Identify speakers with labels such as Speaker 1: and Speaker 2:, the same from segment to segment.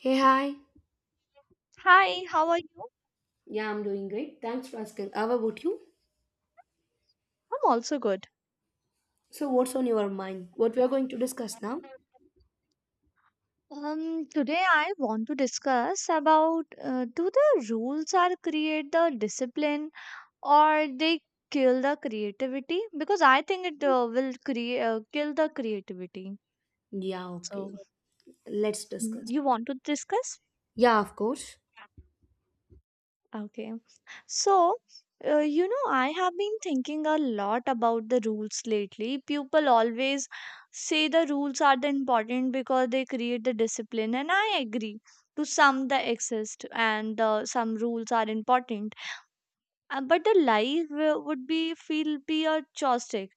Speaker 1: Hey, hi.
Speaker 2: Hi, how are you?
Speaker 1: Yeah, I'm doing great. Thanks for asking. How about you?
Speaker 2: I'm also good.
Speaker 1: So, what's on your mind? What we are going to discuss now?
Speaker 2: Today I want to discuss about do the rules are create the discipline or they kill the creativity? Because I think it will create kill the creativity.
Speaker 1: Yeah, okay.
Speaker 2: So
Speaker 1: Let's discuss.
Speaker 2: you want to discuss?
Speaker 1: Yeah, of course.
Speaker 2: Okay. So, I have been thinking a lot about the rules lately. People always say the rules are the important because they create the discipline, and I agree. To some, the exist, and some rules are important. But the life would be feel be a joystick.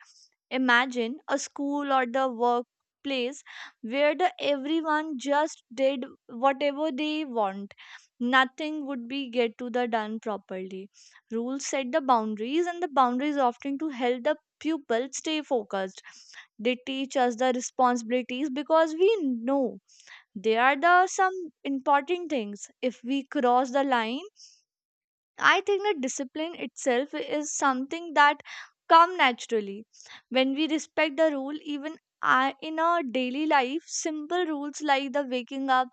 Speaker 2: Imagine a school or the workplace where the everyone just did whatever they want. Nothing would be get to the done properly. Rules set the boundaries, and the boundaries often to help the pupil stay focused. They teach us the responsibilities because we know they are the some important things. If we cross the line, I think that discipline itself is something that come naturally when we respect the rule, even in our daily life simple rules like the waking up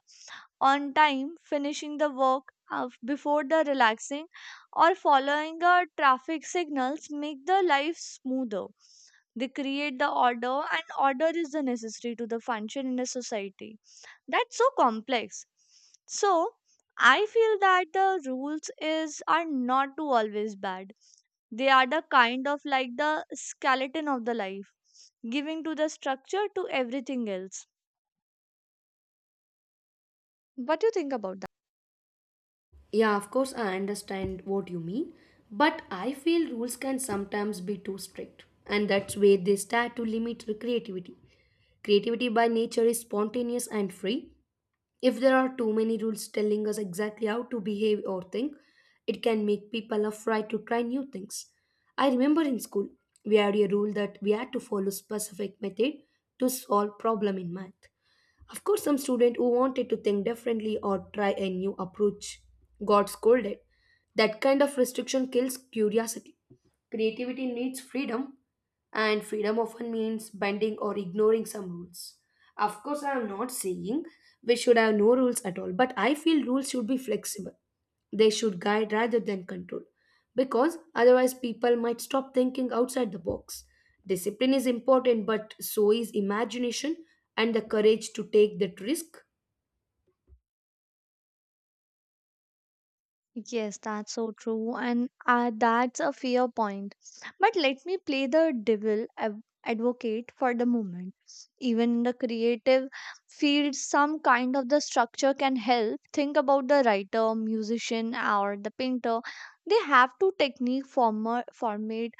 Speaker 2: on time, finishing the work before the relaxing or following the traffic signals make the life smoother. They create the order, and order is the necessary to the function in a society that's so complex. So I feel that the rules is are not to always bad. They are the kind of like the skeleton of the life, giving to the structure to everything else. What do you think about?
Speaker 1: Yeah, of course, I understand what you mean. But I feel rules can sometimes be too strict. And that's where they start to limit the creativity. Creativity by nature is spontaneous and free, if there are too many rules telling us exactly how to behave or think, it can make people afraid to try new things. I remember in school, we had a rule that we had to follow specific method to solve problem in math. Of course, some student who wanted to think differently or try a new approach got scolded. That kind of restriction kills curiosity. Creativity needs freedom, and freedom often means bending or ignoring some rules. Of course, I am not saying we should have no rules at all, but I feel rules should be flexible. They should guide rather than control, because otherwise people might stop thinking outside the box. Discipline is important, but so is imagination and the courage to take that risk.
Speaker 2: Yes, that's so true, and that's a fair point. But let me play the devil advocate for the moment. Even in the creative field, some kind of the structure can help. Think about the writer, musician, or the painter. They have to technique, former, format,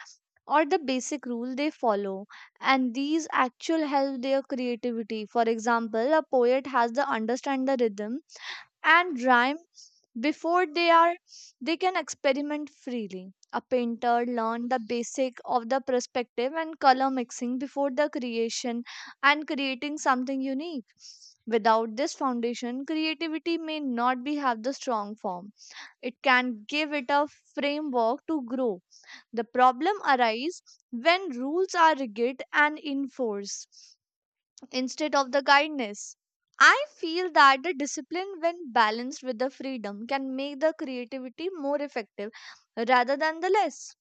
Speaker 2: or the basic rule they follow, and these actual help their creativity. For example, a poet has to understand the rhythm and rhyme before they can experiment freely. A painter learned the basic of the perspective and color mixing before the creation and creating something unique. Without this foundation, creativity may not be have the strong form. It can give it a framework to grow. The problem arises when rules are rigid and enforced instead of the guidance. I feel that the discipline, when balanced with the freedom, can make the creativity more effective rather than the less.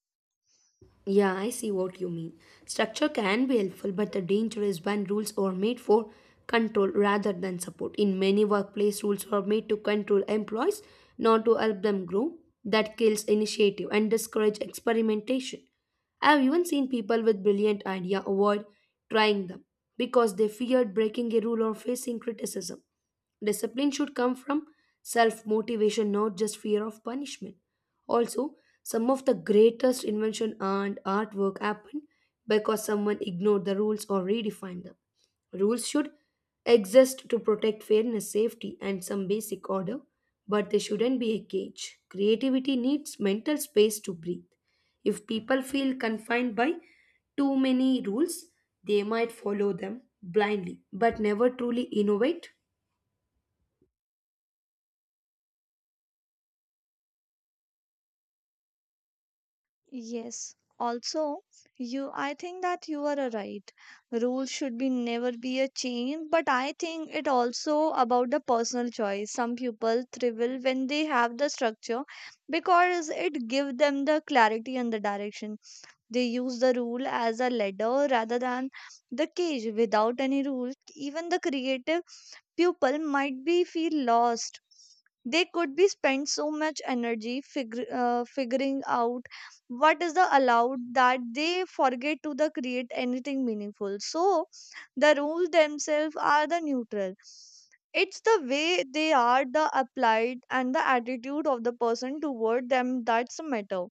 Speaker 1: Yeah, I see what you mean. Structure can be helpful, but the danger is when rules are made for control rather than support. In many workplace, rules are made to control employees, not to help them grow. That kills initiative and discourages experimentation. I have even seen people with brilliant idea avoid trying them because they feared breaking a rule or facing criticism. Discipline should come from self motivation, not just fear of punishment. Also, some of the greatest invention and artwork happened because someone ignored the rules or redefined them. Rules should exist to protect fairness, safety, and some basic order, but they shouldn't be a cage. Creativity needs mental space to breathe. If people feel confined by too many rules, they might follow them blindly but never truly innovate.
Speaker 2: Yes. Also, you I think that you are a right. Rules should be never be a chain, but I think it also about the personal choice. Some people thrive when they have the structure because it give them the clarity and the direction. They use the rule as a ladder rather than the cage. Without any rules, even the creative pupil might be feel lost. They could be spend so much energy figuring out what is the allowed that they forget to the create anything meaningful. So the rules themselves are the neutral. It's the way they are the applied and the attitude of the person toward them that's the matter.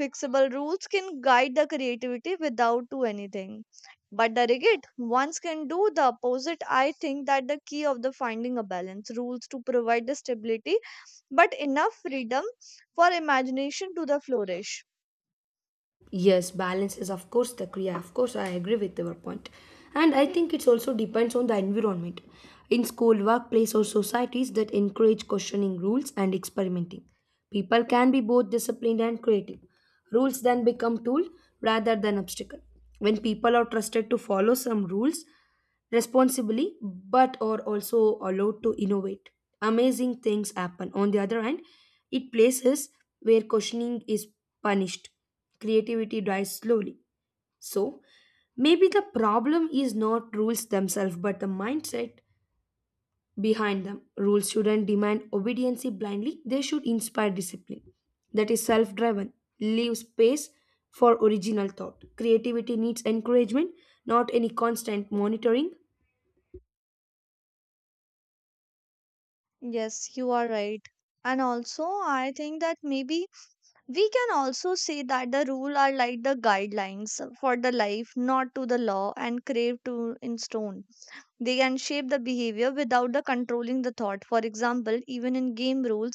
Speaker 2: Fixable rules can guide the creativity without to anything, but the rigid ones can do the opposite. I think that the key of the finding a balance rules to provide the stability, but enough freedom for imagination to the flourish.
Speaker 1: Yes, balance is of course the kriya. Of course, I agree with your point. And I think it also depends on the environment. In school, workplace, or societies that encourage questioning rules and experimenting, people can be both disciplined and creative. Rules then become tool rather than obstacle. When people are trusted to follow some rules responsibly but are also allowed to innovate, amazing things happen. On the other hand, it places where questioning is punished. Creativity dies slowly. So, maybe the problem is not rules themselves but the mindset behind them. Rules shouldn't demand obedience blindly, they should inspire discipline that is self driven. Leave space for original thought. Creativity needs encouragement, not any constant monitoring.
Speaker 2: Yes, you are right. And also, I think that maybe we can also say that the rule are like the guidelines for the life, not to the law and craved to in stone. They can shape the behavior without the controlling the thought. For example, even in game rules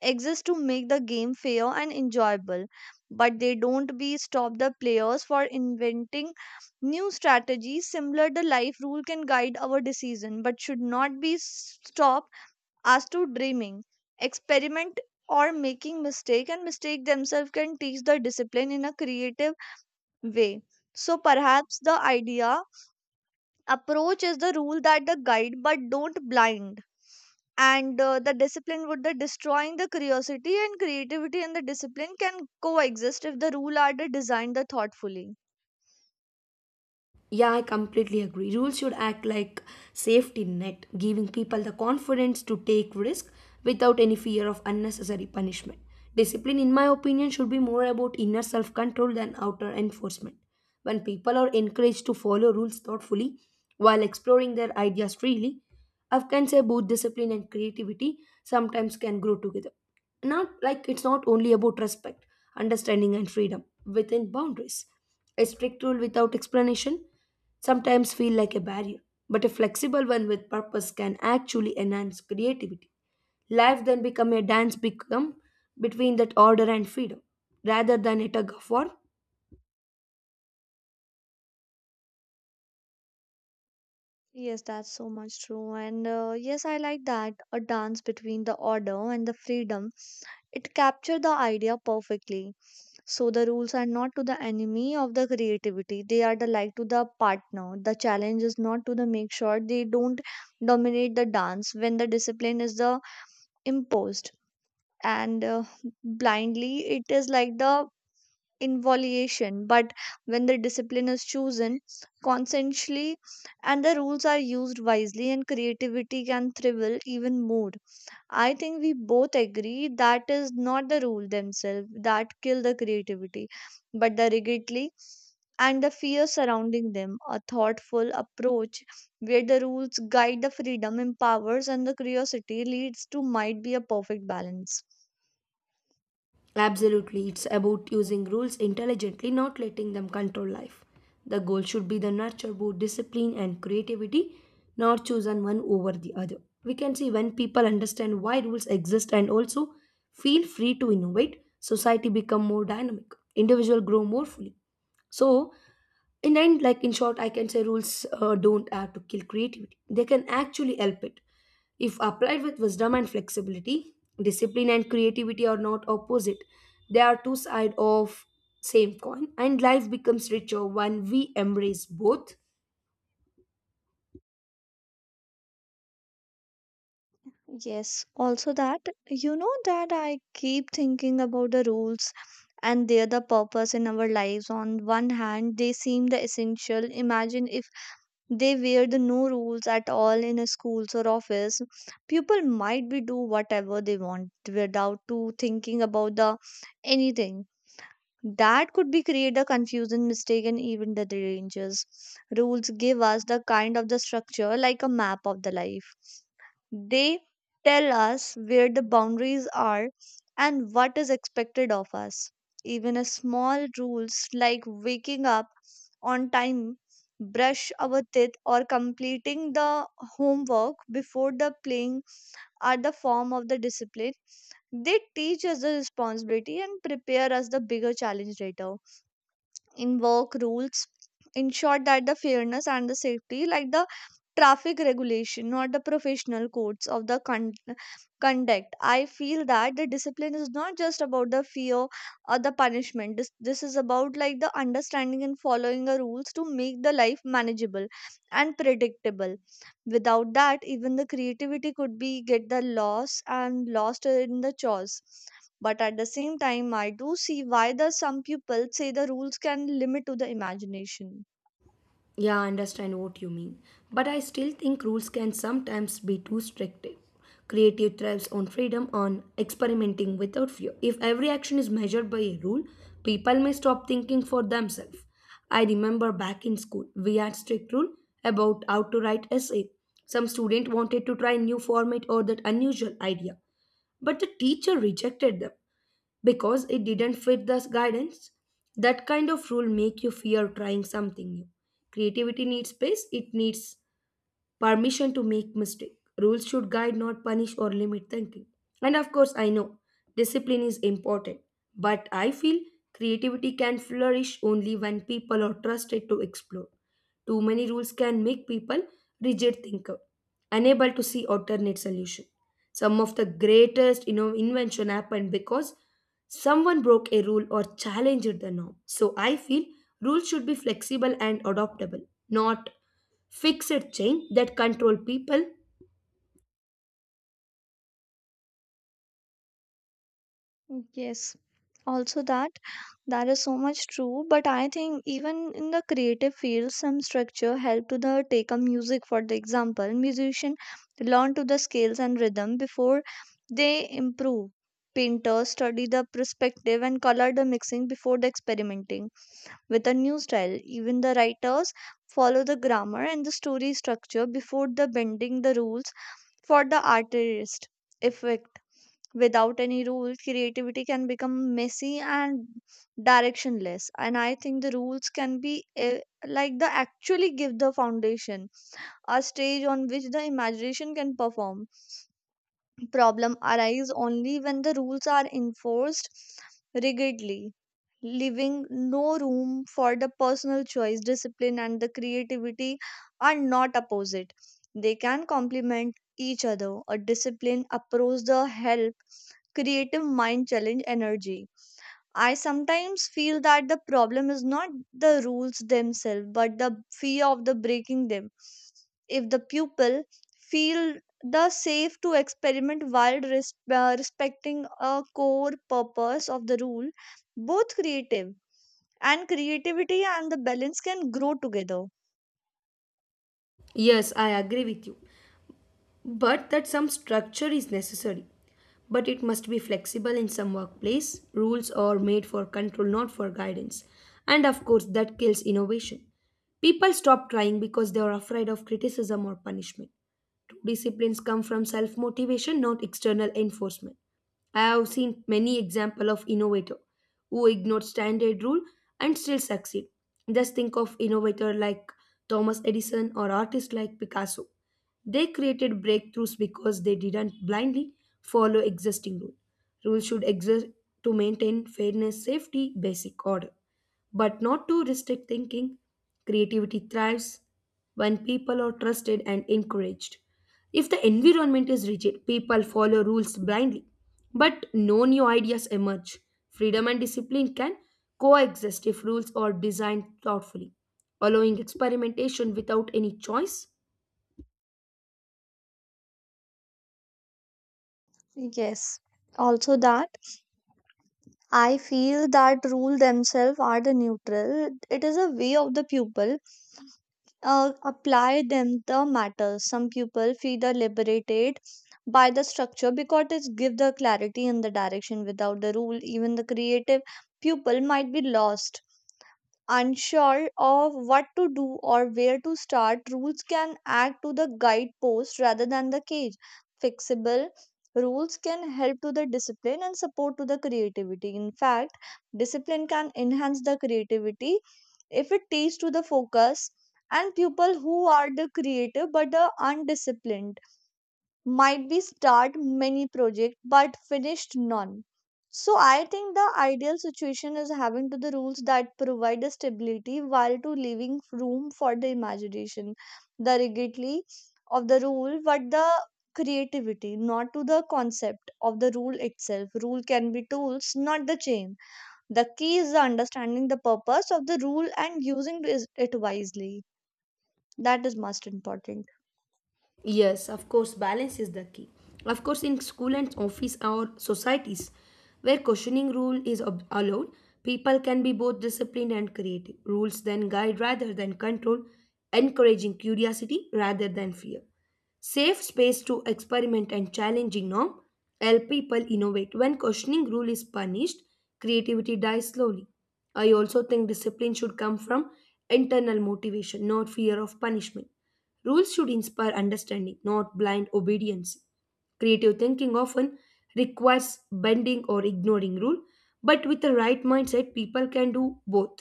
Speaker 2: exist to make the game fair and enjoyable, but they don't be stop the players for inventing new strategies. Similar, the life rule can guide our decision, but should not be stop us to dreaming, experiment, or making mistake. And mistake themselves can teach the discipline in a creative way. So perhaps the idea approach is the rule that the guide but don't blind, and the discipline would the destroying the curiosity, and creativity and the discipline can coexist if the rule are the designed the thoughtfully.
Speaker 1: Yeah, I completely agree. Rules should act like safety net, giving people the confidence to take risk without any fear of unnecessary punishment. Discipline, in my opinion, should be more about inner self-control than outer enforcement. When people are encouraged to follow rules thoughtfully while exploring their ideas freely, I can say both discipline and creativity sometimes can grow together. Not like it's not only about respect, understanding, and freedom within boundaries. A strict rule without explanation sometimes feel like a barrier, but a flexible one with purpose can actually enhance creativity. Life then become a dance become between that order and freedom, rather than a tug of war.
Speaker 2: Yes, that's so much true. And yes, I like that. A dance between the order and the freedom. It captured the idea perfectly. So the rules are not to the enemy of the creativity. They are the like to the partner. The challenge is not to the make sure they don't dominate the dance. When the discipline is the imposed and blindly, it is like the involution, but when the discipline is chosen conscientiously and the rules are used wisely, and creativity can thrive even more. I think we both agree that is not the rule themselves that kill the creativity, but the rigidly and the fear surrounding them. A thoughtful approach where the rules guide the freedom, empowers, and the curiosity leads to might be a perfect balance.
Speaker 1: Absolutely, it's about using rules intelligently, not letting them control life. The goal should be the nurture both discipline and creativity, not chosen one over the other. We can see when people understand why rules exist and also feel free to innovate, society become more dynamic, individual grow more fully. So, in end, like in short, I can say rules don't have to kill creativity. They can actually help it. If applied with wisdom and flexibility, discipline and creativity are not opposite. They are two sides of same coin, and life becomes richer when we embrace both.
Speaker 2: Yes, also that that I keep thinking about the rules and their the purpose in our lives. On one hand, they seem the essential. Imagine if they were the no rules at all in a schools or office. People might be do whatever they want without to thinking about the anything. That could be create the confusion, mistake, and even the dangers. Rules give us the kind of the structure like a map of the life. They tell us where the boundaries are and what is expected of us. Even a small rules like waking up on time, brush our teeth, or completing the homework before the playing are the form of the discipline. They teach us the responsibility and prepare us the bigger challenge later. In work rules ensure that the fairness and the safety like the traffic regulation, not the professional codes of the conduct. I feel that the discipline is not just about the fear or the punishment. This is about like the understanding and following the rules to make the life manageable and predictable. Without that, even the creativity could be get the loss and lost in the chores. But at the same time, I do see why the some people say the rules can limit to the imagination.
Speaker 1: Yeah, I understand what you mean. But I still think rules can sometimes be too strict. Creative thrives on freedom, on experimenting without fear. If every action is measured by a rule, people may stop thinking for themselves. I remember back in school, we had strict rule about how to write essay. Some student wanted to try new format or that unusual idea, but the teacher rejected them because it didn't fit the guidance. That kind of rule make you fear trying something new. Creativity needs space, it needs permission to make mistake. Rules should guide, not punish or limit thinking. And of course I know discipline is important, but I feel creativity can flourish only when people are trusted to explore. Too many rules can make people rigid thinker, unable to see alternate solution. Some of the greatest, you know, invention happened because someone broke a rule or challenged the norm. So I feel rules should be flexible and adaptable, not fixed chain that control people.
Speaker 2: Yes, also that that is so much true. But I think even in the creative field, some structure help to the take a music for the example. Musician learn to the scales and rhythm before they improve. Painters study the perspective and color the mixing before the experimenting with a new style. Even the writers follow the grammar and the story structure before the bending the rules for the artist effect. Without any rules, creativity can become messy and directionless. And I think the rules can be like the actually give the foundation, a stage on which the imagination can perform. Problem arise only when the rules are enforced rigidly, leaving no room for the personal choice. Discipline and the creativity are not opposite. They can complement each other. A disciplined approach the help creative mind challenge energy. I sometimes feel that the problem is not the rules themselves, but the fear of the breaking them. If the pupil feel the safe to experiment while respecting a core purpose of the rule, both creative and creativity and the balance can grow together.
Speaker 1: Yes, I agree with you, but that some structure is necessary, but it must be flexible. In some workplace rules are made for control, not for guidance, and of course that kills innovation. People stop trying because they are afraid of criticism or punishment. True disciplines come from self motivation, not external enforcement. I have seen many examples of innovators who ignored standard rule and still succeed. Just think of innovators like Thomas Edison or artists like Picasso. They created breakthroughs because they didn't blindly follow existing rules. Rules should exist to maintain fairness, safety, basic order, but not to restrict thinking. Creativity thrives when people are trusted and encouraged. If the environment is rigid, people follow rules blindly, but no new ideas emerge. Freedom and discipline can coexist if rules are designed thoughtfully, allowing experimentation without any choice.
Speaker 2: Yes, also that. I feel that rule themselves are the neutral. It is a way of the pupil apply them the matters. Some people feel the liberated by the structure because it give the clarity and the direction. Without the rule, even the creative pupil might be lost, unsure of what to do or where to start. Rules can act to the guidepost rather than the cage. Fixable rules can help to the discipline and support to the creativity. In fact, discipline can enhance the creativity if it teaches to the focus, and people who are the creative but the undisciplined might be start many project but finished none. So I think the ideal situation is having to the rules that provide the stability while to leaving room for the imagination. The rigidity of the rule but the creativity, not to the concept of the rule itself. Rule can be tools, not the chain. The key is the understanding the purpose of the rule and using it wisely. That is most important.
Speaker 1: Yes, of course, balance is the key. Of course, in school and office or societies where questioning rule is allowed, people can be both disciplined and creative. Rules then guide rather than control, encouraging curiosity rather than fear. Safe space to experiment and challenging norm help people innovate. When questioning rule is punished, creativity dies slowly. I also think discipline should come from internal motivation, not fear of punishment. Rules should inspire understanding, not blind obedience. Creative thinking often requires bending or ignoring rule, but with the right mindset, people can do both.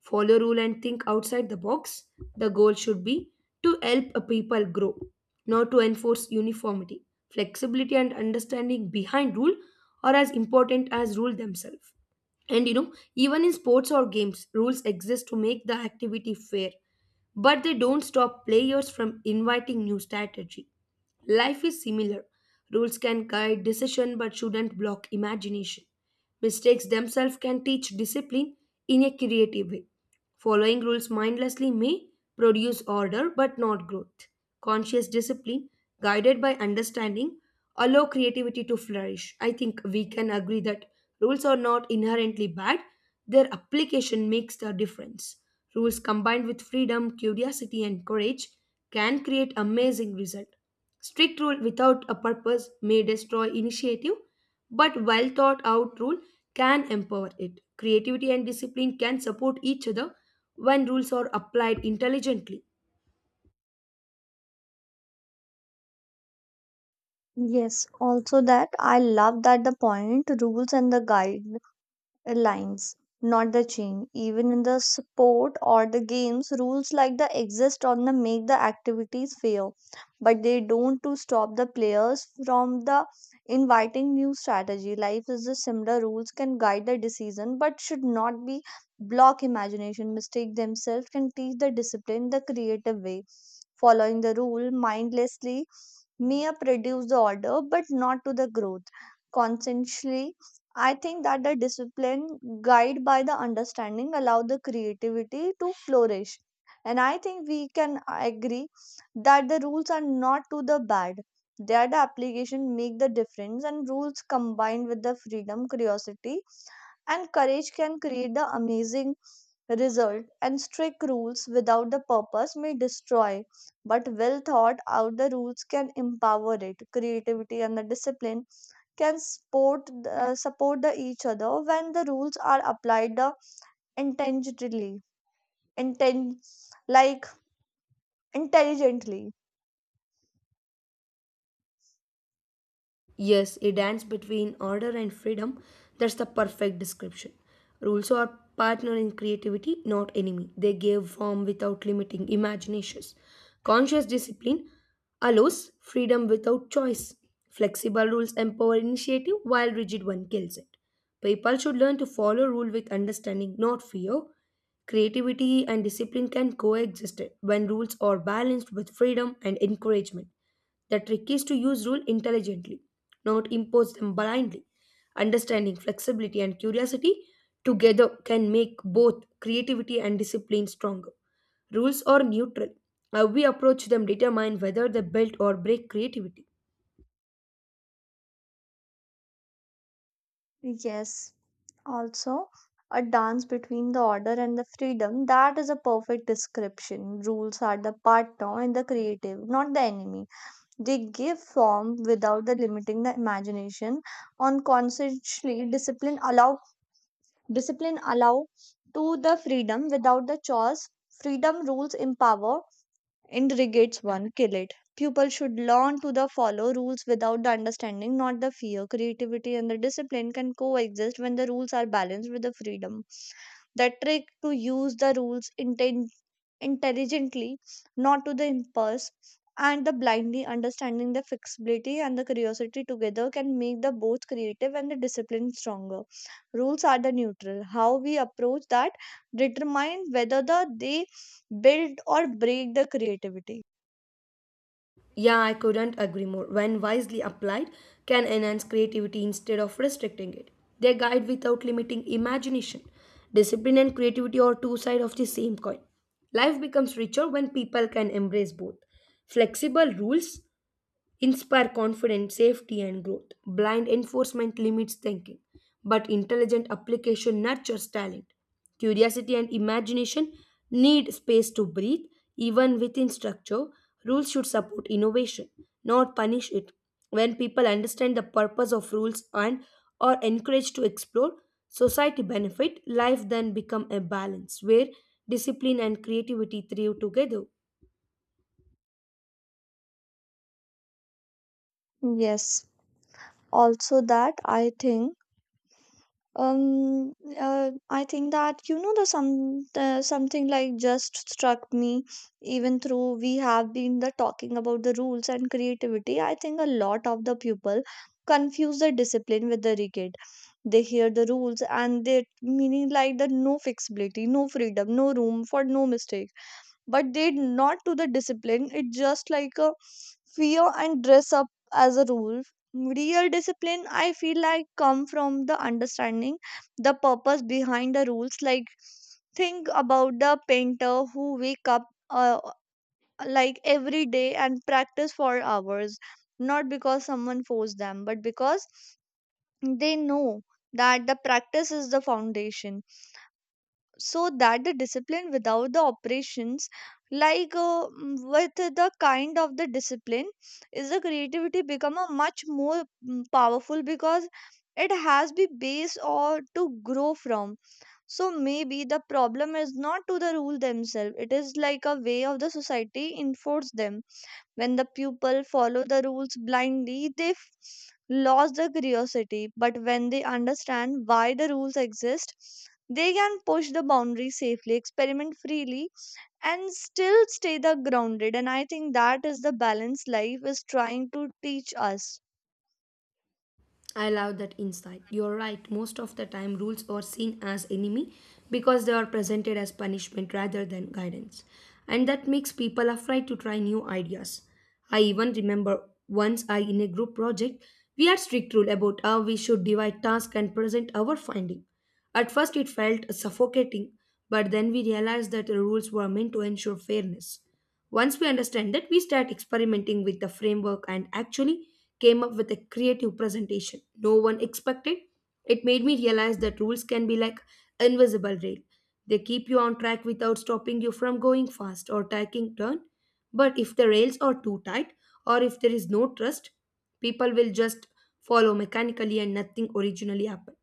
Speaker 1: Follow rule and think outside the box. The goal should be to help a people grow, not to enforce uniformity. Flexibility and understanding behind rule are as important as rule themselves. And you know, even in sports or games, rules exist to make the activity fair, but they don't stop players from inviting new strategy. Life is similar. Rules can guide decision but shouldn't block imagination. Mistakes themselves can teach discipline in a creative way. Following rules mindlessly may produce order but not growth. Conscious discipline, guided by understanding, allow creativity to flourish. I think we can agree that rules are not inherently bad, their application makes the difference. Rules combined with freedom, curiosity, and courage can create amazing results. Strict rule without a purpose may destroy initiative, but well thought out rule can empower it. Creativity and discipline can support each other when rules are applied intelligently.
Speaker 2: Yes, also that I love that the point rules and the guide lines, not the chain. Even in the sport or the games, rules like the exist on the make the activities fair, but they don't to stop the players from the inviting new strategy. Life is the similar. Rules can guide the decision, but should not be block imagination. Mistake themselves can teach the discipline the creative way. Following the rule mindlessly may produce the order, but not to the growth. Consciously, I think that the discipline guided by the understanding allow the creativity to flourish. And I think we can agree that the rules are not to the bad. They are the application make the difference and rules combined with the freedom, curiosity and courage can create the amazing result and strict rules without the purpose may destroy. But well thought out the rules can empower it. Creativity and the discipline can support the each other when the rules are applied intentionally inten- like intelligently.
Speaker 1: Yes, a dance between order and freedom. That's the perfect description. Rules are partner in creativity, not enemy. They give form without limiting imaginations. Conscious discipline allows freedom without choice. Flexible rules empower initiative, while rigid one kills it. People should learn to follow rule with understanding, not fear. Creativity and discipline can coexist when rules are balanced with freedom and encouragement. The trick is to use rules intelligently, not impose them blindly. Understanding flexibility and curiosity together can make both creativity and discipline stronger. Rules are neutral. How we approach them determine whether they build or break creativity.
Speaker 2: Yes, also a dance between the order and the freedom, that is a perfect description. Rules are the partner and the creative, not the enemy. They give form without the limiting the imagination. On consciously discipline allow to the freedom without the choice. Freedom rules empower. Integrates one kill it. Pupils should learn to the follow rules without the understanding, not the fear. Creativity and the discipline can coexist when the rules are balanced with the freedom. The trick to use the rules intelligently, not to the impulse, and the blindly understanding the flexibility and the curiosity together can make the both creative and the discipline stronger. Rules are the neutral. How we approach that determine whether they build or break the creativity.
Speaker 1: Yeah, I couldn't agree more. When wisely applied, can enhance creativity instead of restricting it. They guide without limiting imagination. Discipline and creativity are two sides of the same coin. Life becomes richer when people can embrace both. Flexible rules inspire confidence, safety, and growth. Blind enforcement limits thinking, but intelligent application nurtures talent. Curiosity and imagination need space to breathe, even within structure. Rules should support innovation, not punish it. When people understand the purpose of rules and are encouraged to explore, society benefit, life then become a balance where discipline and creativity thrive together.
Speaker 2: Yes. Also that um I think that something like just struck me. Even through we have been the talking about the rules and creativity, I think a lot of the people confuse the discipline with the rigid. They hear the rules and they meaning like the no flexibility, no freedom, no room for no mistake, but they not to the discipline, it's just like a fear and dress up as a rule. Real discipline, I feel like, come from the understanding the purpose behind the rules. Like think about the painter who wake up uh, like every day and practice for hours, not because someone forced them but because they know that the practice is the foundation. So that the discipline without the operations, like with the kind of the discipline, is the creativity become a much more powerful, because it has be base or to grow from. So maybe the problem is not to the rule themselves, it is like a way of the society enforce them. When the pupil follow the rules blindly, they lose the curiosity. But when they understand why the rules exist, they can push the boundaries safely, experiment freely, and still stay the grounded. And I think that is the balance life is trying to teach us.
Speaker 1: I love that insight. You're right. Most of the time, rules are seen as enemy because they are presented as punishment rather than guidance. And that makes people afraid to try new ideas. I even remember once I in a group project, we had strict rule about how we should divide task and present our finding. At first it felt suffocating, but then we realized that the rules were meant to ensure fairness. Once we understand that, we start experimenting with the framework and actually came up with a creative presentation no one expected. It made me realize that rules can be like invisible rail. They keep you on track without stopping you from going fast or taking turn. But if the rails are too tight or if there is no trust, people will just follow mechanically and nothing originally happen.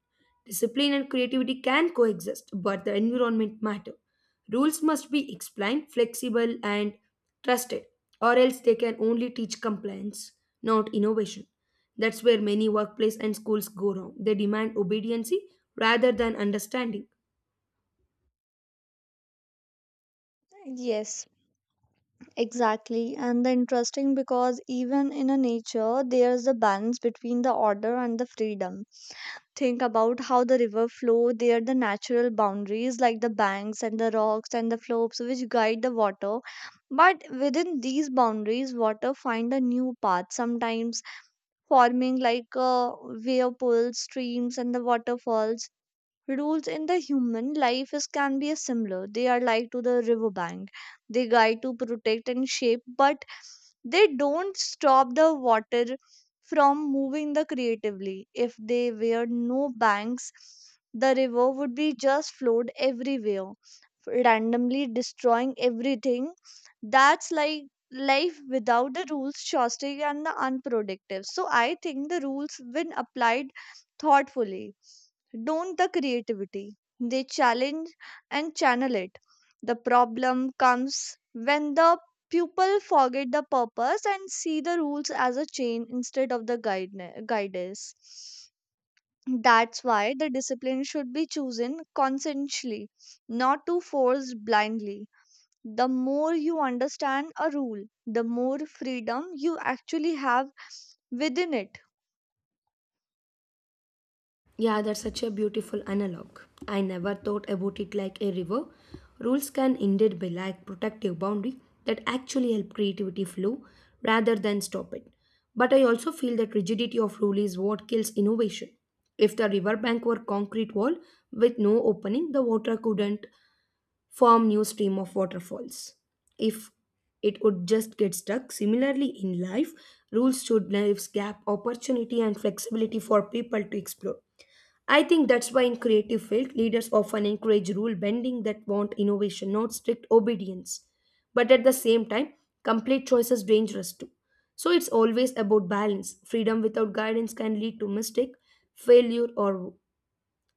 Speaker 1: Discipline and creativity can coexist, but the environment matter. Rules must be explained, flexible and trusted, or else they can only teach compliance, not innovation. That's where many workplace and schools go wrong. They demand obedience rather than understanding.
Speaker 2: Yes, exactly. And the interesting because even in a nature, there's a balance between the order and the freedom. Think about how the river flow there, the natural boundaries like the banks and the rocks and the slopes which guide the water, but within these boundaries water find a new path, sometimes forming like wave pools, streams and the waterfalls. Rules in the human life is can be a similar. They are like to the riverbank. They guide to protect and shape, but they don't stop the water from moving the creatively. If they were no banks, the river would be just flowed everywhere, randomly destroying everything. That's like life without the rules, chaotic and the unproductive. So I think the rules when applied thoughtfully don't the creativity, they challenge and channel it. The problem comes when the pupil forget the purpose and see the rules as a chain instead of the guide guidance. That's why the discipline should be chosen conscientiously, not to force blindly. The more you understand a rule, the more freedom you actually have within it.
Speaker 1: Yeah, that's such a beautiful analog. I never thought about it like a river. Rules can indeed be like protective boundary that actually help creativity flow rather than stop it. But I also feel that rigidity of rule is what kills innovation. If the riverbank were concrete wall with no opening, the water couldn't form new stream of waterfalls. If it would just get stuck, similarly in life rules should leave gap opportunity and flexibility for people to explore. I think that's why in creative field leaders often encourage rule bending that want innovation, not strict obedience. But at the same time complete choice is dangerous too, so it's always about balance. Freedom without guidance can lead to mistake, failure, or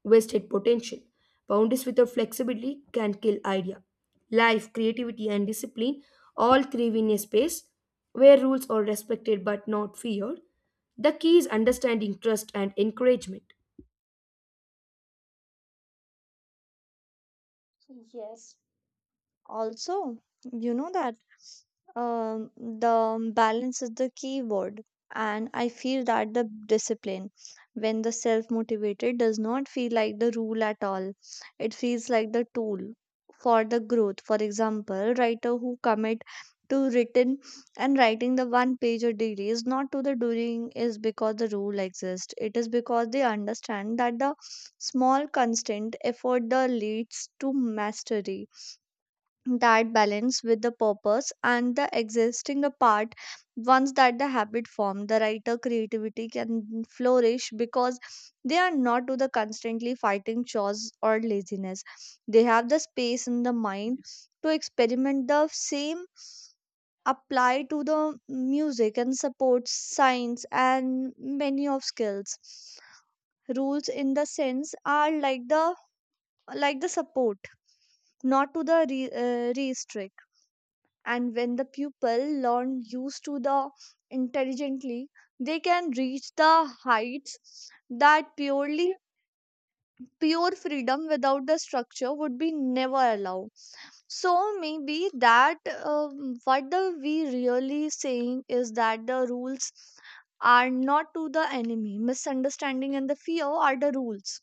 Speaker 1: wasted potential. Boundaries without flexibility can kill idea. Life, creativity, and discipline all thrive in a space where rules are respected but not feared. The key is understanding trust and encouragement.
Speaker 2: Yes. Also, you know that the balance is the key word. And I feel that the discipline, when the self motivated, does not feel like the rule at all. It feels like the tool for the growth. For example, writer who commit to written and writing the one page a daily is not to the doing is because the rule exists. It is because they understand that the small constant effort the leads to mastery, that balance with the purpose and the existing a part. Once that the habit formed, the writer creativity can flourish because they are not to the constantly fighting chores or laziness. They have the space in the mind to experiment. The same apply to the music and support science and many of skills. Rules in the sense are like the support, not to the restrict. And when the pupil learn used to the intelligently, they can reach the heights that pure freedom without the structure would be never allow. So maybe that what the we really saying is that the rules are not to the enemy, misunderstanding and the fear are the rules.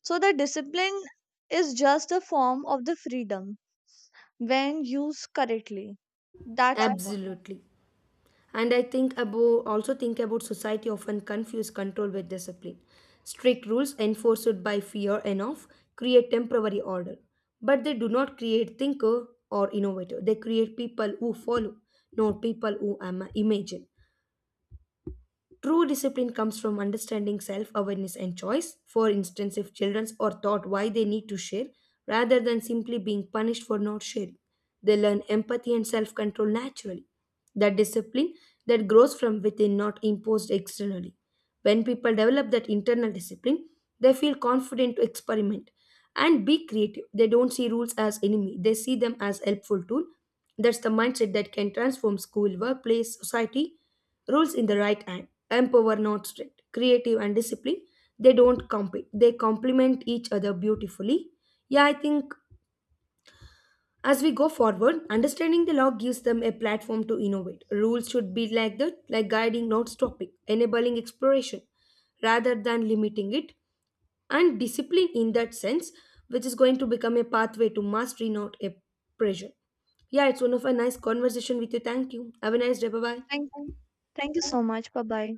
Speaker 2: So the discipline is just a form of the freedom when used correctly. That's important.
Speaker 1: Absolutely. And I think about also think about society often confuse control with discipline. Strict rules enforced by fear enough create temporary order, but they do not create thinker or innovator. They create people who follow, not people who imagine. True discipline comes from understanding self awareness and choice. For instance, if children are taught why they need to share rather than simply being punished for not sharing, they learn empathy and self control naturally. That discipline that grows from within, not imposed externally. When people develop that internal discipline, they feel confident to experiment and be creative. They don't see rules as enemy, they see them as helpful tool. That's the mindset that can transform school, workplace, society. Rules in the right hand, empower not strict, creative and discipline, they don't compete. They complement each other beautifully. Yeah, I think as we go forward, understanding the law gives them a platform to innovate. Rules should be like that, like guiding, not stopping, enabling exploration rather than limiting it, and discipline in that sense, which is going to become a pathway to mastery, not a pressure. Yeah, it's one of a nice conversation with you. Thank you. Have a nice day. Bye
Speaker 2: Thank
Speaker 1: bye.
Speaker 2: thank you so much. Bye bye.